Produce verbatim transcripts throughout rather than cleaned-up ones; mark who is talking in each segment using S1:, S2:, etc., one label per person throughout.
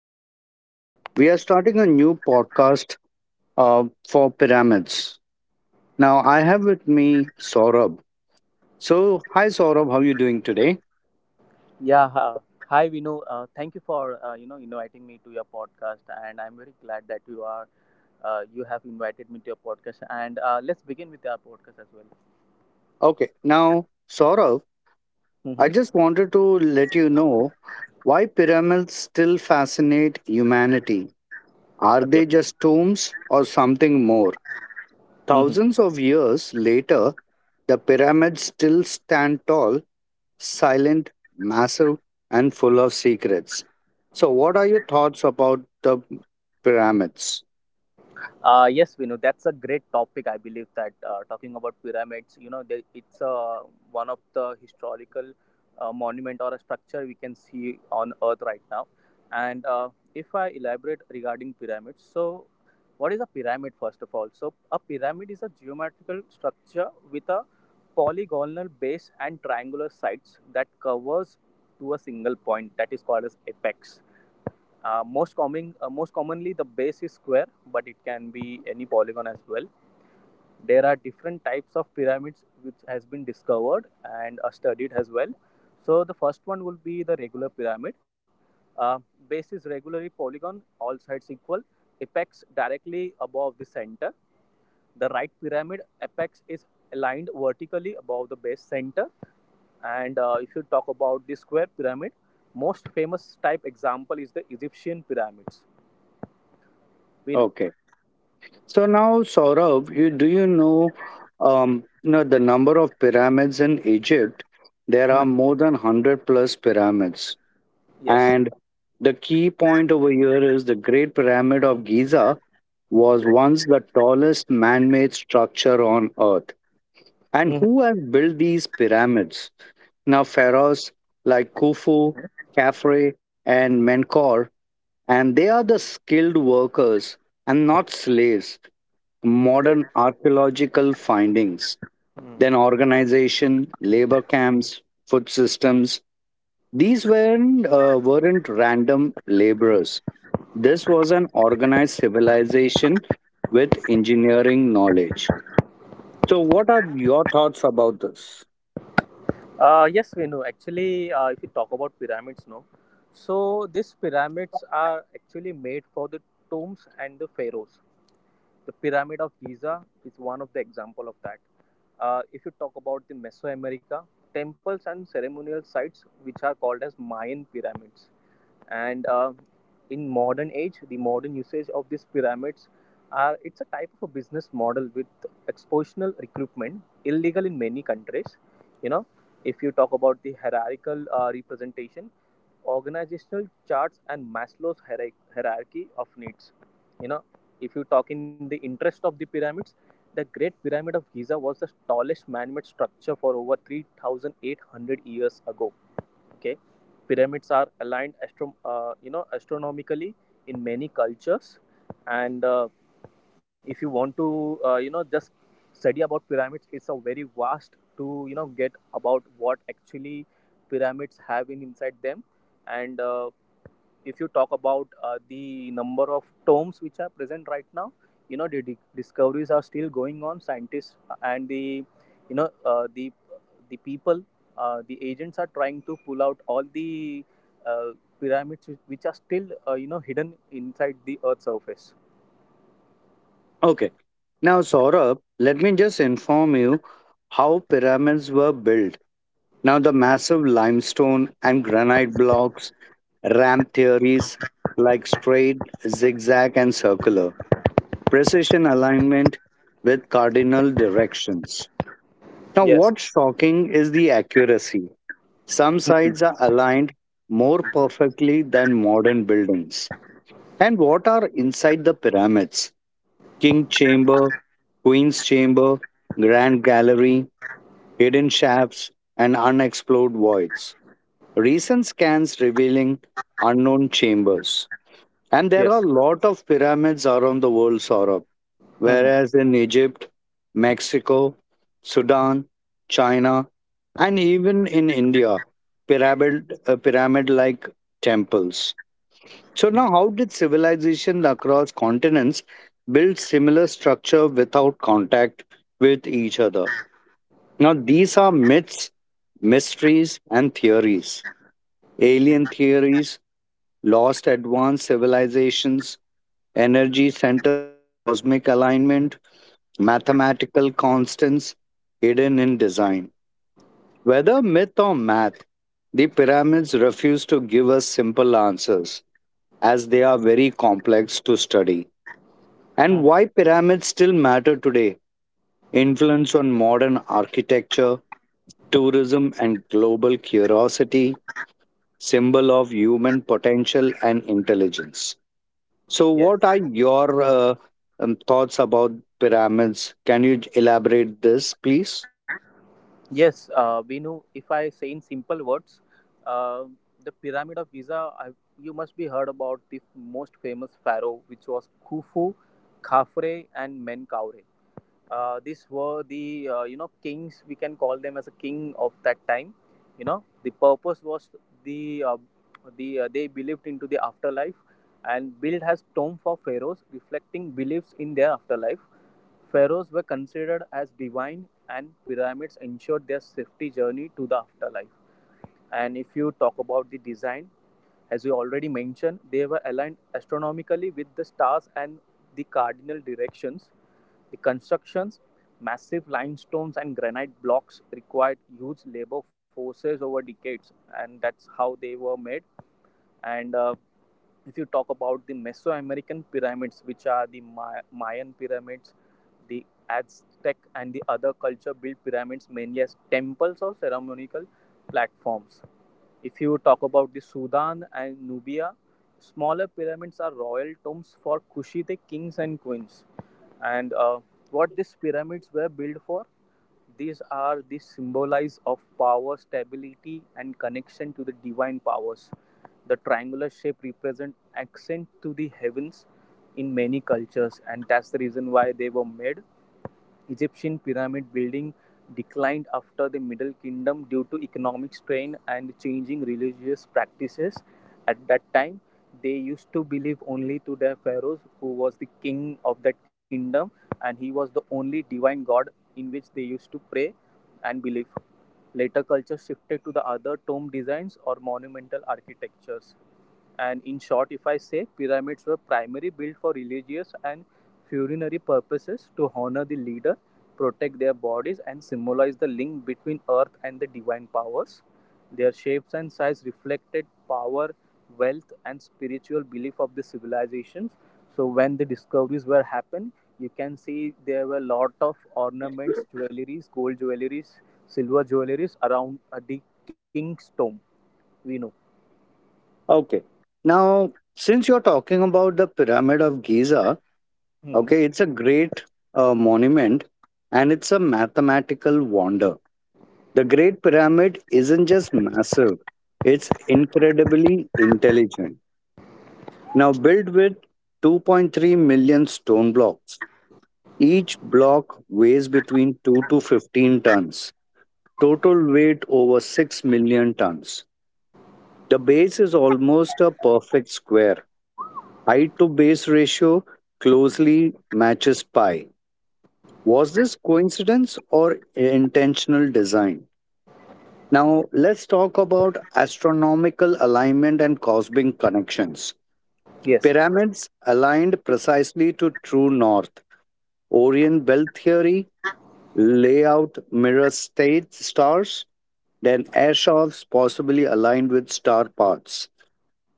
S1: John. We are starting a new podcast uh, for pyramids. Now, I have with me Saurabh. So, hi, Saurabh. How are you doing today?
S2: Yeah, uh, hi Vinu. Uh, thank you for uh, you know inviting me to your podcast, and I'm very glad that you are uh, you have invited me to your podcast. And uh, let's begin with our podcast as well.
S1: Okay. Now, Saurabh,
S2: Mm-hmm.
S1: I just wanted to let you know why pyramids still fascinate humanity. Are
S2: Okay.
S1: they just tombs or something more?
S2: Mhm.
S1: Thousands of years later, the pyramids still stand tall, silent, massive, and full of secrets. So, what are your thoughts about the pyramids?
S2: Uh, yes, Vinu, that's a great topic. I believe that uh, talking about pyramids, you know, they, it's uh, one of the historical uh, monument or a structure we can see on Earth right now. And uh, if I elaborate regarding pyramids, so what is a pyramid first of all? So a pyramid is a geometrical structure with a polygonal base and triangular sides that covers to a single point that is called as apex. Uh, most common, uh, most commonly, the base is square, but it can be any polygon as well. There are different types of pyramids which has been discovered and uh, studied as well. So the first one will be the regular pyramid. Uh, Base is regularly polygon, all sides equal. Apex directly above the center. The right pyramid apex is aligned vertically above the base center. And uh, if you talk about the square pyramid, most famous type example is the Egyptian pyramids. We know.
S1: Okay. So now, Saurabh, you do you know, um, you know the number of pyramids in Egypt? There
S2: Hmm.
S1: are more than hundred plus pyramids,
S2: Yes.
S1: and the key point over here is the Great Pyramid of Giza was once the tallest man-made structure on Earth. And
S2: Mhm.
S1: who has built these pyramids? Now pharaohs like Khufu, Khafre, and Menkaure, and they are the skilled workers and not slaves.
S2: Great.
S1: Modern archaeological findings,
S2: Hmm.
S1: then organization, labor camps, food systems. These weren't, uh, weren't random laborers. This was an organized civilization with engineering knowledge. So, what are your thoughts about this?
S2: Uh, yes, we know. Actually, uh, if you talk about pyramids, no. So these pyramids are actually made for the tombs and the pharaohs. The Pyramid of Giza is one of the example of that. Uh, if you talk about the Mesoamerica, temples and ceremonial sites which are called as Mayan pyramids. And uh, in modern age, the modern usage of these pyramids are it's a type of a business model with expositional recruitment illegal in many countries, you know if you talk about the hierarchical uh, representation, organizational charts, and Maslow's hierarch- hierarchy of needs. you know if you talk in the interest of the pyramids, the Great Pyramid of Giza was the tallest man-made structure for over three thousand eight hundred years ago. Okay. Pyramids are aligned astro- uh, you know astronomically in many cultures. And uh, if you want to uh, you know just study about pyramids, it's a very vast to you know get about what actually pyramids have in inside them. And uh, if you talk about uh, the number of tomes which are present right now, you know the discoveries are still going on. Scientists and the you know uh, the the people, uh, the agents, are trying to pull out all the uh, pyramids which are still uh, you know hidden inside the earth's surface.
S1: Okay. Now, Saurabh, let me just inform you how pyramids were built. Now, the massive limestone and granite blocks, ramp theories like straight, zigzag, and circular, precision alignment with cardinal directions. Now,
S2: Yes.
S1: what's shocking is the accuracy. Some sides are aligned more perfectly than modern buildings. And what are inside the pyramids? King Chamber, Queen's Chamber, Grand Gallery, hidden shafts, and unexplored voids. Recent scans revealing unknown chambers. And there are
S2: Yes.
S1: a lot of pyramids around the world, Saurabh.
S2: Hmm.
S1: Whereas in Egypt, Mexico, Sudan, China, and even in India, pyramid, uh, pyramid-like temples. So now how did civilization across continents build similar structure without contact with each other? Now these are myths, mysteries and theories. Alien theories, lost advanced civilizations, energy centers and cosmic alignment, mathematical constants hidden in design. Whether myth or math, the pyramids refuse to give us simple answers as they are very complex to study. And why
S2: Hmm.
S1: pyramids still matter today, influence on modern architecture, tourism, and global curiosity, symbol of human potential and intelligence. So, what
S2: Yes.
S1: are your uh, um, thoughts about pyramids? Can you elaborate this, please?
S2: Yes, uh, Vinu, if I say in simple words, uh, the Pyramid of Giza, I, you must be heard about the most famous pharaoh, which was Khufu, Khafre, and Menkaure. Uh, these were the uh, you know kings. We can call them as a king of that time. You know, the purpose was the uh, the uh, they believed into the afterlife and built as tomb for pharaohs, reflecting beliefs in their afterlife. Pharaohs were considered as divine, and pyramids ensured their safety journey to the afterlife. And if you talk about the design, as we already mentioned, they were aligned astronomically with the stars and the cardinal directions. The constructions, massive limestones and granite blocks, required huge labor forces over decades, and that's how they were made. And uh, if you talk about the Mesoamerican pyramids, which are the Ma- Mayan pyramids, the Aztec, and the other culture built pyramids mainly as temples or ceremonial platforms. If you talk about the Sudan and Nubia, smaller pyramids are royal tombs for Kushite kings and queens. And uh, what these pyramids were built for? These are the symbolize of power, stability, and connection to the divine powers. The triangular shape represents ascent to the heavens in many cultures, and that's the reason why they were made. Egyptian pyramid building declined after the Middle Kingdom due to economic strain and changing religious practices. At that time, they used to believe only to their pharaohs, who was the king of that kingdom, and he was the only divine god in which they used to pray and believe. Later, culture shifted to the other tomb designs or monumental architectures. And in short, if I say, pyramids were primarily built for religious and funerary purposes to honor the leader, protect their bodies, and symbolize the link between earth and the divine powers. Their shapes and size reflected power, wealth, and spiritual belief of the civilizations. So when the discoveries were happened, you can see there were a lot of ornaments, jewelries, gold jewelries, silver jewelries around a de- king's tomb. We know.
S1: Okay. Now, since you're talking about the Pyramid of Giza,
S2: Hmm.
S1: okay, it's a great uh, monument and it's a mathematical wonder. The Great Pyramid isn't just massive, it's incredibly intelligent. Now, built with 2.3 million stone blocks, each block weighs between two to fifteen tons, total weight over 6 million tons. The base is almost a perfect square. Height to base ratio closely matches pi. Was this coincidence or intentional design? Now, let's talk about astronomical alignment and cosmic connections.
S2: Yes.
S1: Pyramids aligned precisely to true north. Orion belt theory, layout mirror state stars, then airshops possibly aligned with star paths.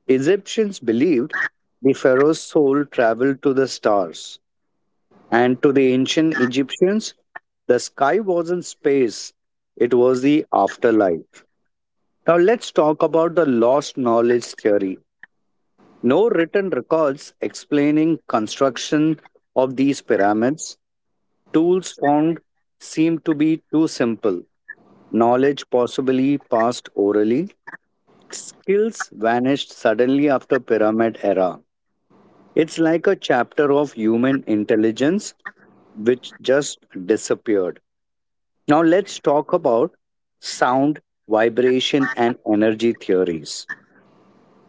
S1: Egyptians believed the pharaoh's soul traveled to the stars. And to the ancient Egyptians, the sky wasn't space, it was the afterlife. Now let's talk about the lost knowledge theory. No written records explaining construction of these pyramids. Tools found seem to be too simple. Knowledge possibly passed orally. Skills vanished suddenly after pyramid era. It's like a chapter of human intelligence which just disappeared. Now let's talk about sound, vibration and energy theories.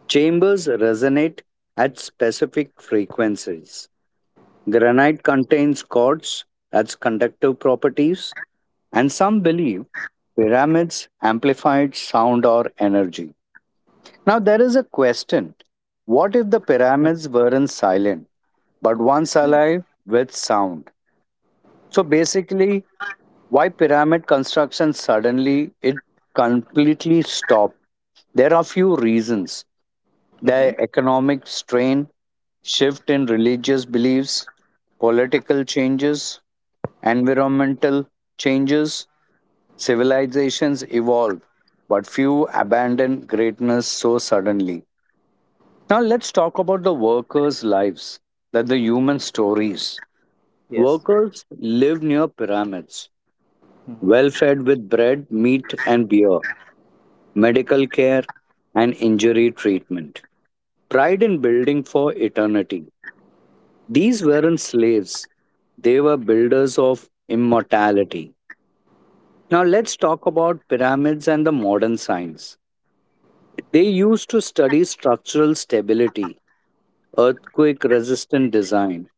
S1: Chambers resonate at specific frequencies. Granite contains quartz, that's conductive properties, and some believe pyramids amplified sound or energy. Now, there is a question: what if the pyramids weren't silent, but once alive with sound? So, basically, why pyramid construction suddenly it completely stopped? There are few reasons.
S2: Hmm.
S1: The economic strain, shift in religious beliefs, political changes, environmental changes, civilizations evolve, but few abandon greatness so suddenly. Now let's talk about the workers' lives, that the human stories.
S2: Yes.
S1: Workers live near pyramids, well
S2: Mhm.
S1: fed with bread, meat, and beer, medical care, and injury treatment. Pride in building for eternity. These weren't slaves, they were builders of immortality. Now, let's talk about pyramids and the modern science. They used to study structural stability, earthquake resistant design,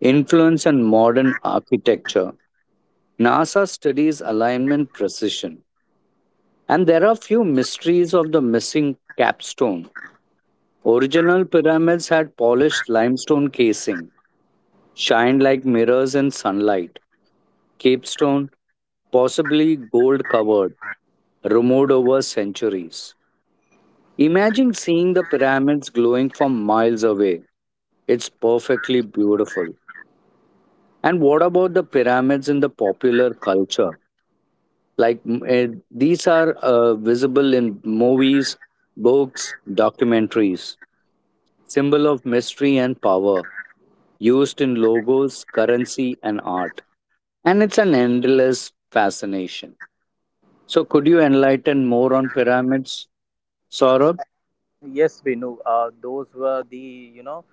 S1: influence, and modern architecture. NASA studies alignment precision. And there are few mysteries of the missing capstone. Original pyramids had polished limestone casing, shined like mirrors in sunlight. Capstone, possibly gold covered, removed over centuries. Imagine seeing the pyramids glowing from miles away. It's perfectly beautiful. And what about the pyramids in the popular culture? Like mm, eh, these are uh, visible in movies, books, documentaries, symbol of mystery and power, used in logos, currency, and art. And it's an endless fascination. So, could you enlighten more on pyramids, Saurabh?
S2: Yes, Venu, uh, those were the, you know,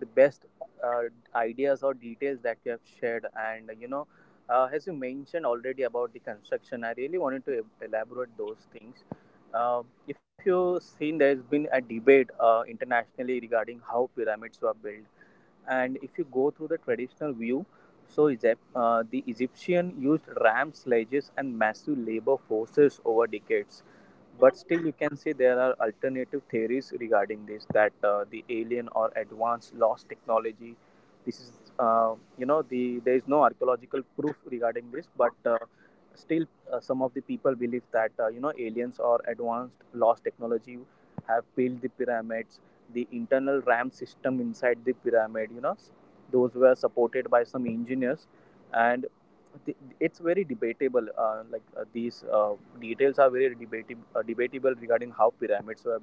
S2: the best uh, ideas or details that you have shared. And you know uh, as you mentioned already about the construction, I really wanted to e-, elaborate those things. Uh, if you've seen, there's been a debate uh, internationally regarding how pyramids were built. And if you go through the traditional view, so Egypt, uh, the Egyptian used ram sledges and massive labor forces over decades. But still, you can say there are alternative theories regarding this, that uh, the alien or advanced lost technology. This is, uh, you know, the there is no archaeological proof regarding this, but uh, still, uh, some of the people believe that uh, you know aliens or advanced lost technology have built the pyramids. The internal ramp system inside the pyramid, you know those were supported by some engineers. And th- it's very debatable. Uh, like uh, these uh, details are very debatable uh, debatable regarding how pyramids were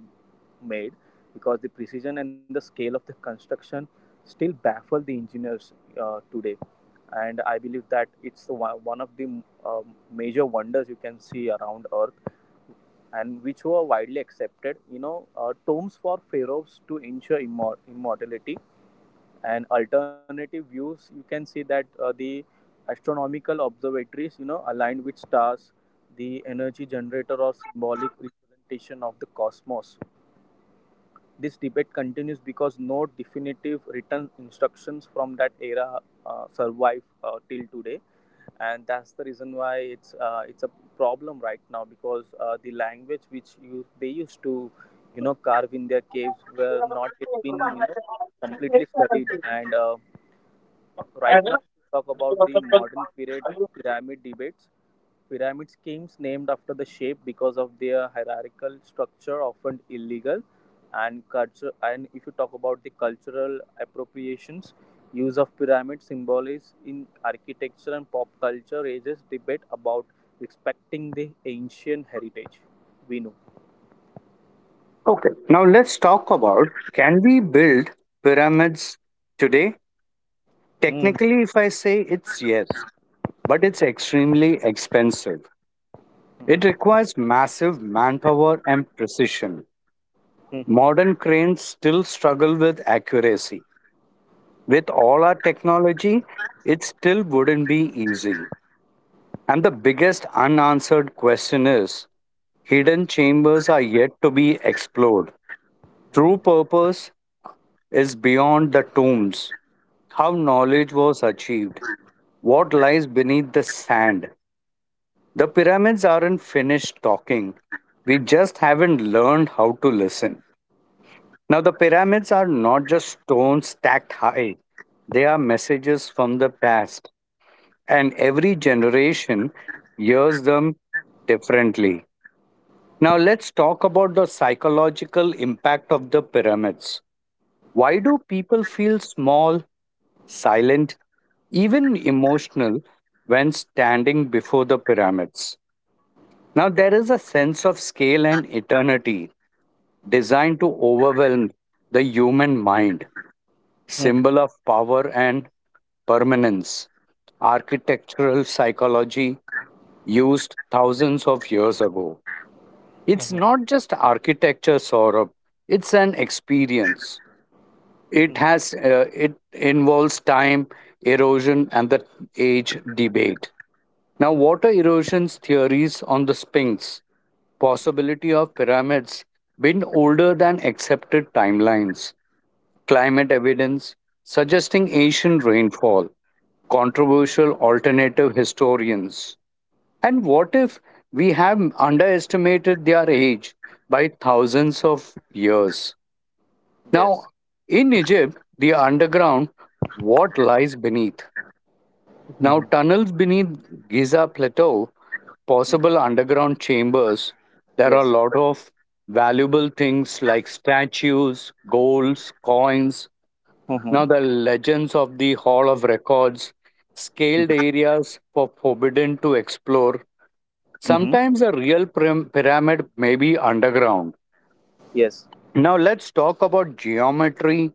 S2: made, because the precision and the scale of the construction still baffle the engineers uh, today. And I believe that it's the one, one of the um, major wonders you can see around earth, and which were widely accepted. You know, uh, tombs for pharaohs to ensure immor- immortality, and alternative views. You can see that uh, the astronomical observatories, you know, aligned with stars, the energy generator or symbolic representation of the cosmos. This debate continues because no definitive written instructions from that era uh, survive uh, till today, and that's the reason why it's uh, it's a problem right now, because uh, the language which you, they used to you know carve in their caves were not yet been you know completely studied. And uh, right now, if you talk about the modern period, pyramid debates, pyramid schemes named after the shape because of their hierarchical structure, often illegal. And culture. And if you talk about the cultural appropriations, use of pyramid symbols in architecture and pop culture raises debate about respecting the ancient heritage. We know.
S1: Okay, now let's talk about, can we build pyramids today?
S2: Mhm.
S1: Technically, if I say it's yes, but it's extremely expensive. It requires massive manpower and precision.
S2: Mhm.
S1: Modern cranes still struggle with accuracy. With all our technology, it still wouldn't be easy. And the biggest unanswered question is hidden chambers are yet to be explored. True purpose is beyond the tombs, how knowledge was achieved, what lies beneath the sand. The pyramids aren't finished talking, we just haven't learned how to listen. Now, the pyramids are not just stones stacked high, they are messages from the past, and every generation hears them differently. Now, let's talk about the psychological impact of the pyramids. Why do people feel small, silent, even emotional when standing before the pyramids. Now, there is a sense of scale and eternity designed to overwhelm the human mind,
S2: Mhm.
S1: symbol of power and permanence, architectural psychology used thousands of years ago. It's
S2: Mhm.
S1: not just architecture, Saurabh, it's an experience. It
S2: Mhm.
S1: has uh, it involves time, erosion, and the age debate. Now, water erosion's theories on the Sphinx, possibility of pyramids, been older than accepted timelines. Climate evidence suggesting ancient rainfall, controversial alternative historians. And what if we have underestimated their age by thousands of years?
S2: Yes.
S1: Now, in Egypt, the underground, what lies beneath? Now,
S2: Mhm.
S1: tunnels beneath Giza Plateau, possible underground chambers, there are a
S2: Yes.
S1: lot of valuable things like statues, golds, coins.
S2: Mhm.
S1: Now, the legends of the Hall of Records, scaled areas for forbidden to explore.
S2: Mhm.
S1: Sometimes a real pyram- pyramid may be underground.
S2: Yes.
S1: Now let's talk about geometry,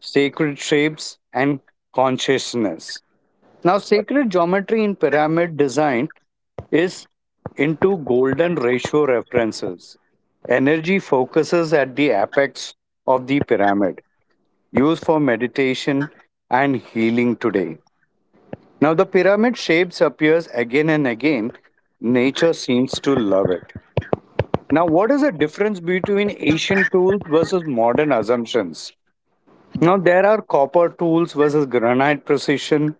S1: sacred shapes, and consciousness. Now, sacred geometry in pyramid design is into golden ratio references. Energy focuses at the apex of the pyramid, used for meditation and healing today. Now, the pyramid shapes appears again and again. Nature seems to love it. Now, what is the difference between ancient tools versus modern assumptions? Now there are copper tools versus granite precision,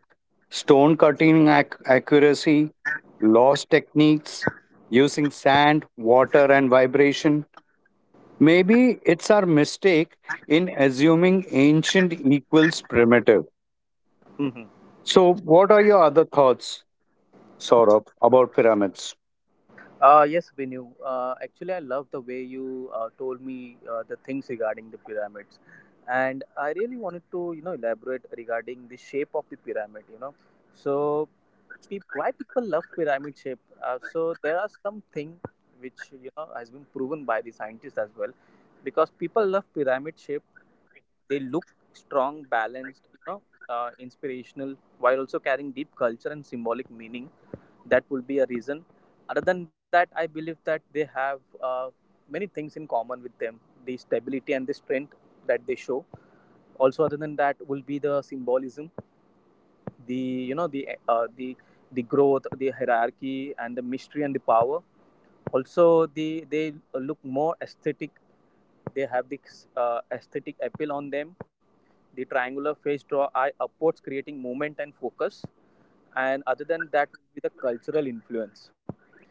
S1: stone cutting ac- accuracy, lost techniques using sand, water and vibration. Maybe it's our mistake in assuming ancient equals primitive.
S2: Mhm.
S1: So what are your other thoughts, Saurabh, about pyramids?
S2: Uh, yes, Vinu. Uh, actually, I love the way you uh, told me uh, the things regarding the pyramids, and I really wanted to, you know, elaborate regarding the shape of the pyramid. You know, so peop why people love pyramid shape? Uh, so there are some thing which you know has been proven by the scientists as well, because people love pyramid shape. They look strong, balanced, you know, uh, inspirational, while also carrying deep culture and symbolic meaning. That will be a reason. Other than that, I believe that they have uh, many things in common with them: the stability and the strength that they show also. Other than that will be the symbolism, the you know the uh, the the growth, the hierarchy, and the mystery, and the power also. The they look more aesthetic. They have the uh, aesthetic appeal on them. The triangular face draw eye upwards, creating movement and focus. And other than that will be the cultural influence.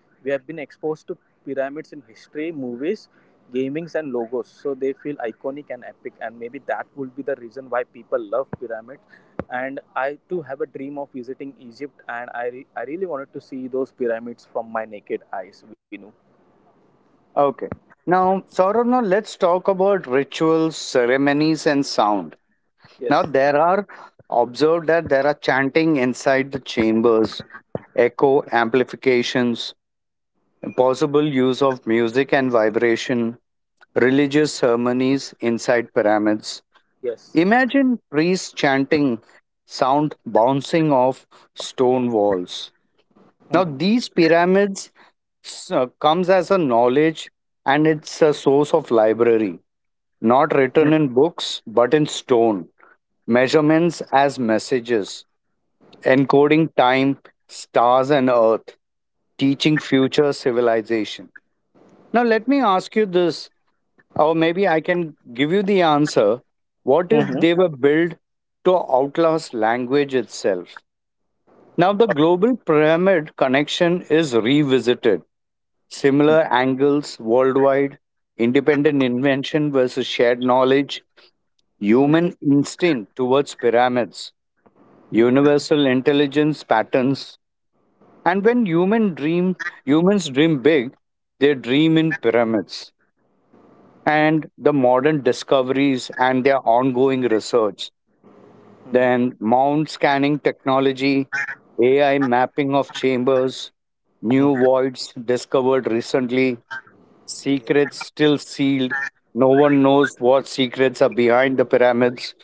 S2: We have been exposed to pyramids in history, movies, gamings, and logos. So they feel iconic and epic, and maybe that would be the reason why people love pyramids. And I too have a dream of visiting Egypt, and I re- I really wanted to see those pyramids from my naked eyes, Vinu.
S1: Okay. Now, Saurabh, now let's talk about rituals, ceremonies, and sound.
S2: Yes.
S1: Now, there are observed that there are chanting inside the chambers, echo amplifications, possible use of music and vibration, religious ceremonies inside pyramids.
S2: Yes.
S1: Imagine priests chanting, sound bouncing off stone walls. Now,
S2: Mhm.
S1: these pyramids uh, comes as a knowledge and it's a source of library, not
S2: Mhm.
S1: written in books but in stone. Measurements as messages, encoding time, stars, and Earth, teaching future civilization. Now, let me ask you this, or maybe I can give you the answer. What if
S2: Mhm.
S1: they were built to outlast language itself? Now, the global pyramid connection is revisited. Similar angles worldwide, independent invention versus shared knowledge, human instinct towards pyramids,
S2: Mhm.
S1: universal intelligence patterns. And when human dream humans dream big, they dream in pyramids. And the modern discoveries and their ongoing research, then mound scanning technology, A I mapping of chambers,
S2: Mhm.
S1: new
S2: Mhm.
S1: voids discovered recently,
S2: Yes.
S1: secrets still sealed. No one knows what secrets are behind the pyramids.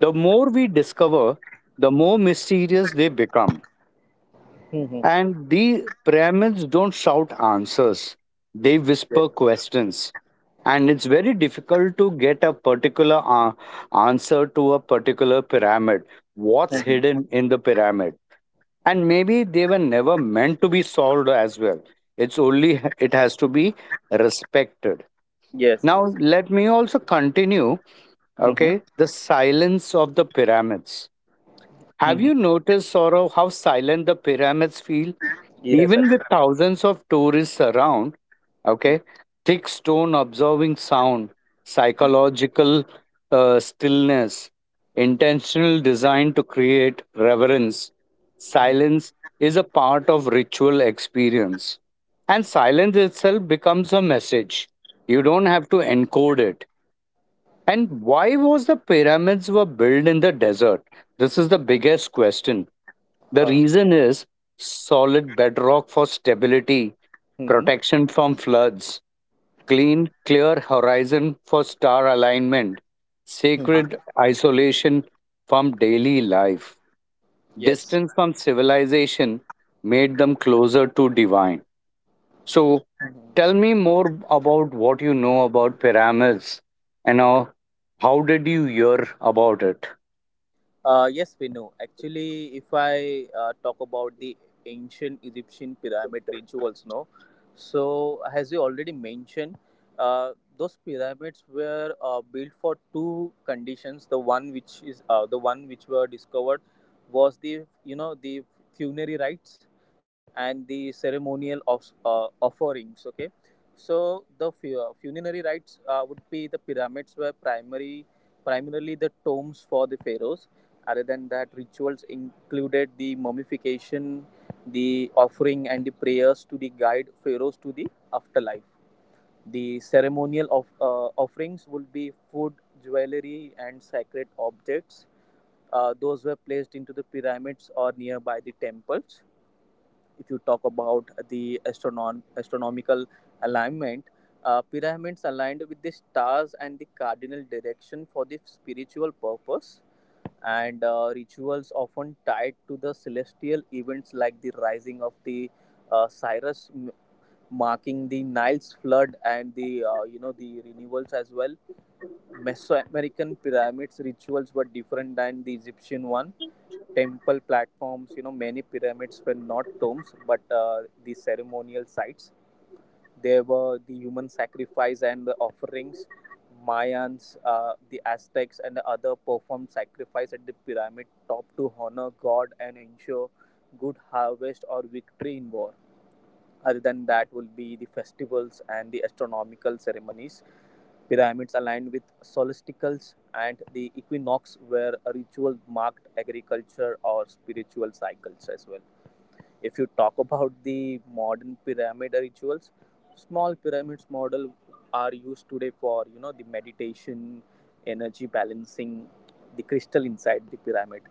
S1: The more we discover, the more mysterious they become.
S2: Mhm.
S1: And the pyramids don't shout answers, they
S2: Yes.
S1: whisper questions. And it's very difficult to get a particular uh, answer to a particular pyramid. What's
S2: Mhm.
S1: hidden in the pyramid? And maybe they were never meant to be solved as well. It's only it has to be respected.
S2: Yes.
S1: Now,
S2: Yes.
S1: let me also continue,
S2: Mhm.
S1: okay, the silence of the pyramids. Have
S2: Mhm.
S1: you noticed, Saurav, how silent the pyramids feel?
S2: Yes.
S1: Even with
S2: Absolutely.
S1: thousands of tourists around,
S2: Mhm.
S1: okay, thick stone absorbing sound,
S2: Mhm.
S1: psychological uh, stillness, intentional design to create reverence.
S2: Mhm.
S1: Silence is a part of ritual experience. And silence itself becomes a message. You don't have to encode it. And why was the pyramids were built in the desert? This is the biggest question. The
S2: Huh.
S1: reason is solid bedrock for stability,
S2: Mhm.
S1: protection from floods, clean, clear horizon for star alignment,
S2: Mhm.
S1: sacred isolation from daily life.
S2: Yes.
S1: Distance from civilization made them closer to divine. So
S2: Mm-hmm.
S1: tell me more about what you know about pyramids and uh, how did you hear about it?
S2: Uh, yes, we know. Actually, if I uh, talk about the ancient Egyptian pyramid rituals, no. So, as you already mentioned, uh, those pyramids were uh, built for two conditions. The one which is uh, the one which were discovered was the you know the funerary rites and the ceremonial of uh, offerings. Okay, so the fu- uh, funerary rites uh, would be the pyramids were primary primarily the tombs for the pharaohs. Other than that, rituals included the mummification, the offering, and the prayers to the guide pharaohs to the afterlife. The ceremonial of uh, offerings would be food, jewelry, and sacred objects. Uh, those were placed into the pyramids or nearby the temples. If you talk about the astronom- astronomical alignment, uh, pyramids aligned with the stars and the cardinal direction for the spiritual purpose, and uh, rituals often tied to the celestial events like the rising of the uh, Cyrus, m- marking the Nile's flood and the uh, you know the renewals as well. Mesoamerican pyramids rituals were different than the Egyptian one. Temple platforms, you know, many pyramids were not tombs but uh, the ceremonial sites. There were the human sacrifice and the offerings. Mayans, uh, the Aztecs and other performed sacrifice at the pyramid top to honor God and ensure good harvest or victory in war. Other than that, will be the festivals and the astronomical ceremonies. Pyramids aligned with solsticles and the equinox were a ritual marked agriculture or spiritual cycles as well. If you talk about the modern pyramid rituals, small pyramids model are used today for, you know, the meditation, energy balancing, the crystal inside the pyramid,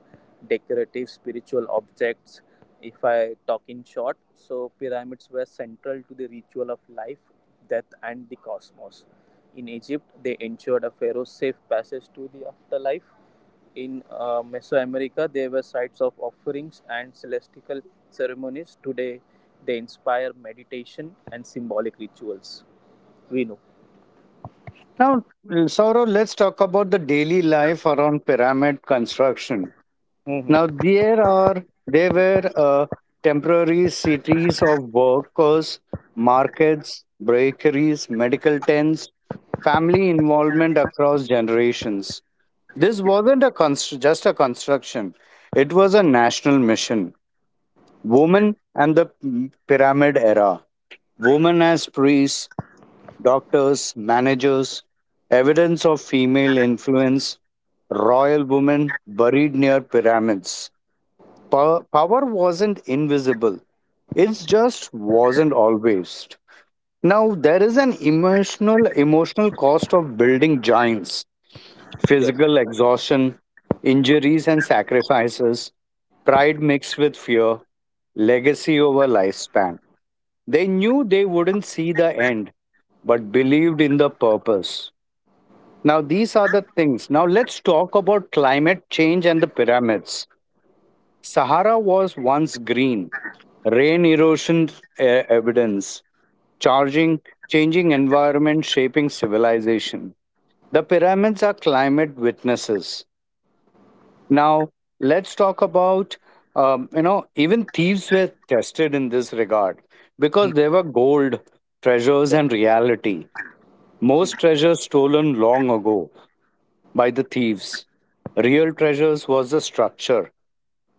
S2: decorative spiritual objects. If I talk in short, so pyramids were central to the ritual of life, death, and the cosmos. In Egypt, they ensured a pharaoh's safe passage to the afterlife. In uh, Mesoamerica, they were sites of offerings and celestial ceremonies. Today, they inspire meditation and symbolic rituals. We know.
S1: Now, Saurav, let's talk about the daily life around pyramid construction.
S2: Hmm.
S1: Now, there are there were uh, temporary cities of workers, markets, bakeries, medical tents, family involvement across generations. This wasn't a const- just a construction; it was a national mission. Women and the Pyramid Era. Women as priests, doctors, managers, evidence of female influence, royal women buried near pyramids. Po- Power wasn't invisible, it just wasn't always. Now, there is an emotional, emotional cost of building giants, physical exhaustion, injuries, and sacrifices, pride mixed with fear, legacy over lifespan. They knew they wouldn't see the end, but believed in the purpose. Now, these are the things. Now, let's talk about climate change and the pyramids. Sahara was once green, rain erosion uh, evidence, charging, changing environment, shaping civilization. The pyramids are climate witnesses. Now, let's talk about, um, you know, even thieves were tested in this regard because they were gold, treasures, and reality. Most treasures stolen long ago by the thieves. Real treasures was the structure.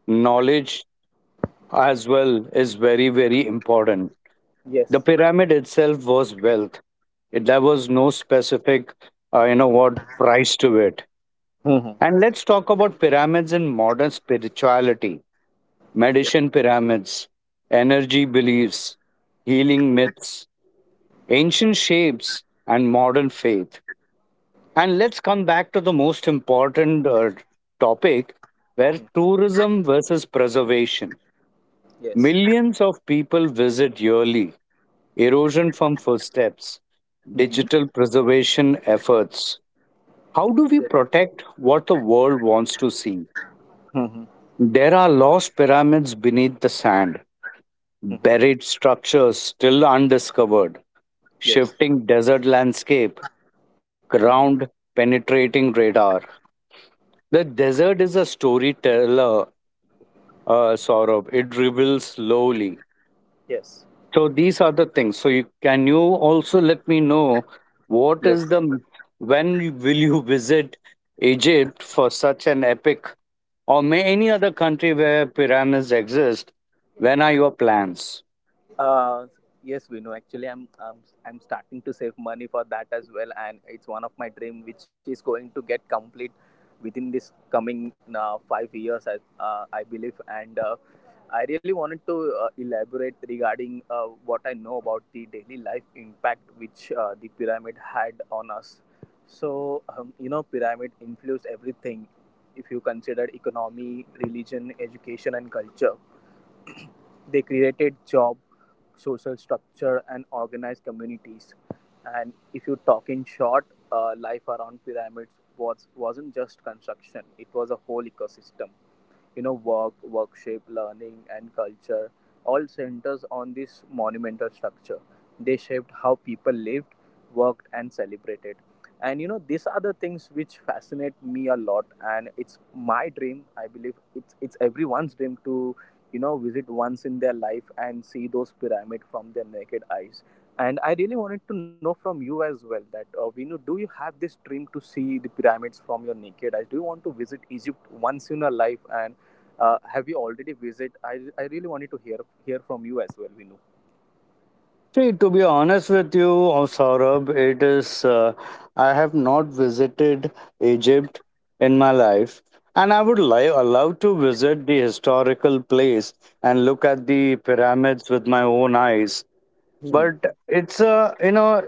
S1: Knowledge as well is very, very important. The
S2: Yes.
S1: pyramid itself was wealth. It- There was no specific, uh, you know what, price to it.
S2: Mhm.
S1: And let's talk about pyramids in modern spirituality, medicine pyramids, energy beliefs, healing myths, ancient shapes, and modern faith. And let's come back to the most important uh, topic where tourism versus preservation.
S2: Yes.
S1: Millions of people visit yearly, erosion from footsteps,
S2: Hmm. Yes. Mhm. Yes.
S1: digital
S2: Hmm.
S1: preservation efforts. How do we
S2: Yes.
S1: protect what the world wants to see?
S2: Hmm. Hmm.
S1: There are lost pyramids beneath the sand, buried structures still undiscovered,
S2: Yes.
S1: shifting desert landscape,
S2: Hmm.
S1: ground penetrating radar. The desert is a storyteller, uh, Saurabh. It reveals slowly.
S2: Yes.
S1: So these are the things. So you, can you also let me know what is
S2: Yes.
S1: the when you- will you visit Egypt for such an epic, or may any other country where pyramids exist? When are your plans?
S2: Uh, yes, we know. Actually, I'm, I'm I'm starting to save money for that as well, and it's one of my dream, which is going to get complete within this coming uh, five years, I uh, I believe. And uh, I really wanted to uh, elaborate regarding uh, what I know about the daily life impact which uh, the pyramid had on us. So um, you know, pyramid influenced everything. If you consider economy, religion, education, and culture, they created job, social structure, and organized communities. And if you talk in short, uh, life around pyramids was wasn't just construction; it was a whole ecosystem. You know, work, workshop, learning and culture all centers on this monumental structure. They shaped how people lived, worked and celebrated. And you know, these are the things which fascinate me a lot, and it's my dream. I believe it's it's everyone's dream to, you know, visit once in their life and see those pyramids from their naked eyes. And I really wanted to know from you as well that, uh, Vinu, do you have this dream to see the pyramids from your naked eyes? Do you want to visit Egypt once in your life, and uh, have you already visited? I, I really wanted to hear hear from you as well, Vinu.
S1: See, to be honest with you, uh, Saurabh, it is. Uh, I have not visited Egypt in my life, and I would li- love to visit the historical place and look at the pyramids with my own eyes,
S2: Hmm.
S1: but it's a, you know,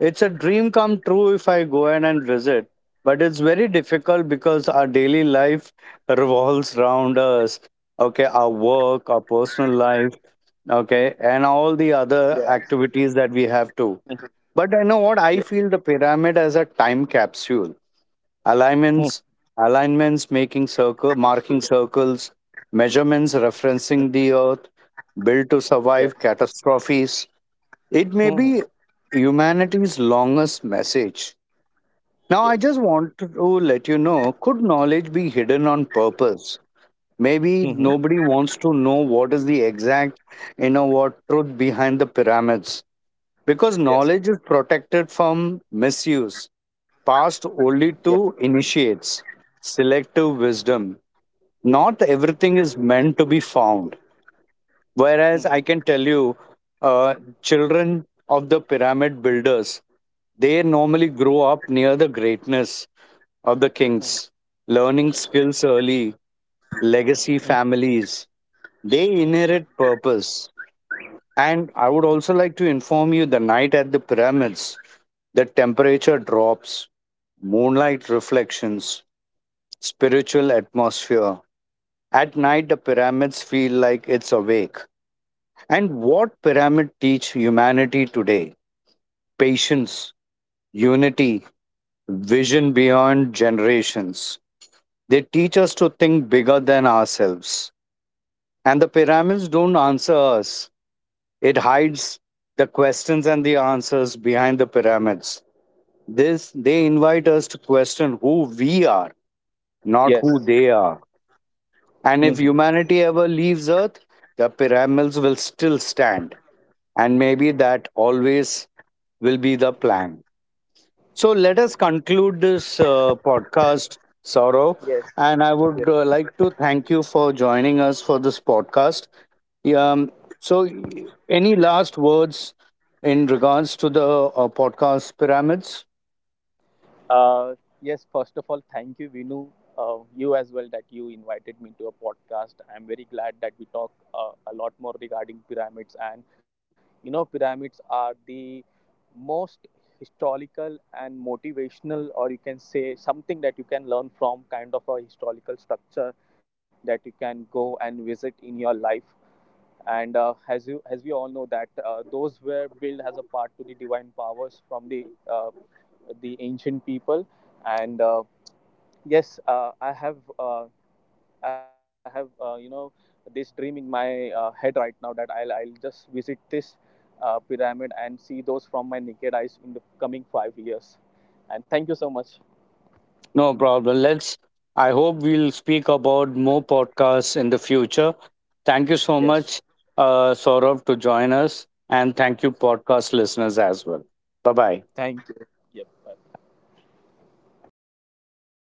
S1: it's a dream come true if I go in and visit. But it's very difficult because our daily life revolves around us. Okay, our work, our personal life, okay, and all the
S2: Yeah.
S1: other activities that we have to. But I know what I feel: the pyramid as a time capsule,
S2: Mhm.
S1: alignments alignments, making circle, marking circles, measurements referencing the earth, built to
S2: Yes.
S1: survive catastrophes. It may
S2: Mhm.
S1: be humanity's longest message. Now,
S2: Yes.
S1: I just want to let you know, could knowledge be hidden on purpose?
S2: Hmm. Yes.
S1: Maybe
S2: Hmm.
S1: nobody wants to know what is the exact, you know, what truth behind the pyramids, because
S2: Yes.
S1: knowledge is protected from misuse, passed
S2: Yes.
S1: only to initiates, selective wisdom. Not everything is meant to be found.
S2: Hmm.
S1: Whereas I can tell you, uh, children of the pyramid builders, they normally grow up near the greatness of the kings, learning skills early, legacy families. They inherit purpose. And I would also like to inform you the night at the pyramids, the temperature drops, moonlight reflections, spiritual atmosphere. At night, the pyramids feel like it's awake. And what pyramid teach humanity today? Patience, unity, vision beyond generations. They teach us to think bigger than ourselves. And the pyramids don't answer us. It hides the questions and the answers behind the pyramids. This they invite us to question who we are, not
S2: Yes.
S1: who they are.
S2: Hmm.
S1: And if humanity ever leaves Earth, the pyramids will still stand, and maybe that always will be the plan. So let us conclude this uh, podcast, Sorrow.
S2: Yes.
S1: And I would uh, like to thank you for joining us for this podcast. Um, so, any last words in regards to the uh, podcast pyramids?
S2: Uh, yes, first of all, thank you, Vinu, uh, you as well, that you invited me to a podcast. I'm very glad that we talk uh, a lot more regarding pyramids. And, you know, pyramids are the most historical and motivational, or you can say something that you can learn from, kind of a historical structure that you can go and visit in your life. And uh, as you as we all know that uh, those were built as a part to the divine powers from the uh, the ancient people. And uh, yes, uh, i have uh, i have, uh, you know, this dream in my uh, head right now that i'll i'll just visit this uh, pyramid and see those from my naked eyes in the coming five years. And thank you so much.
S1: No problem. Let's. I hope we'll speak about more podcasts in the future. Thank you so
S2: Yes, sure.
S1: much, uh, Saurav, to join us. And thank you, podcast listeners, as well. Bye bye.
S2: Thank you. Yep. Bye.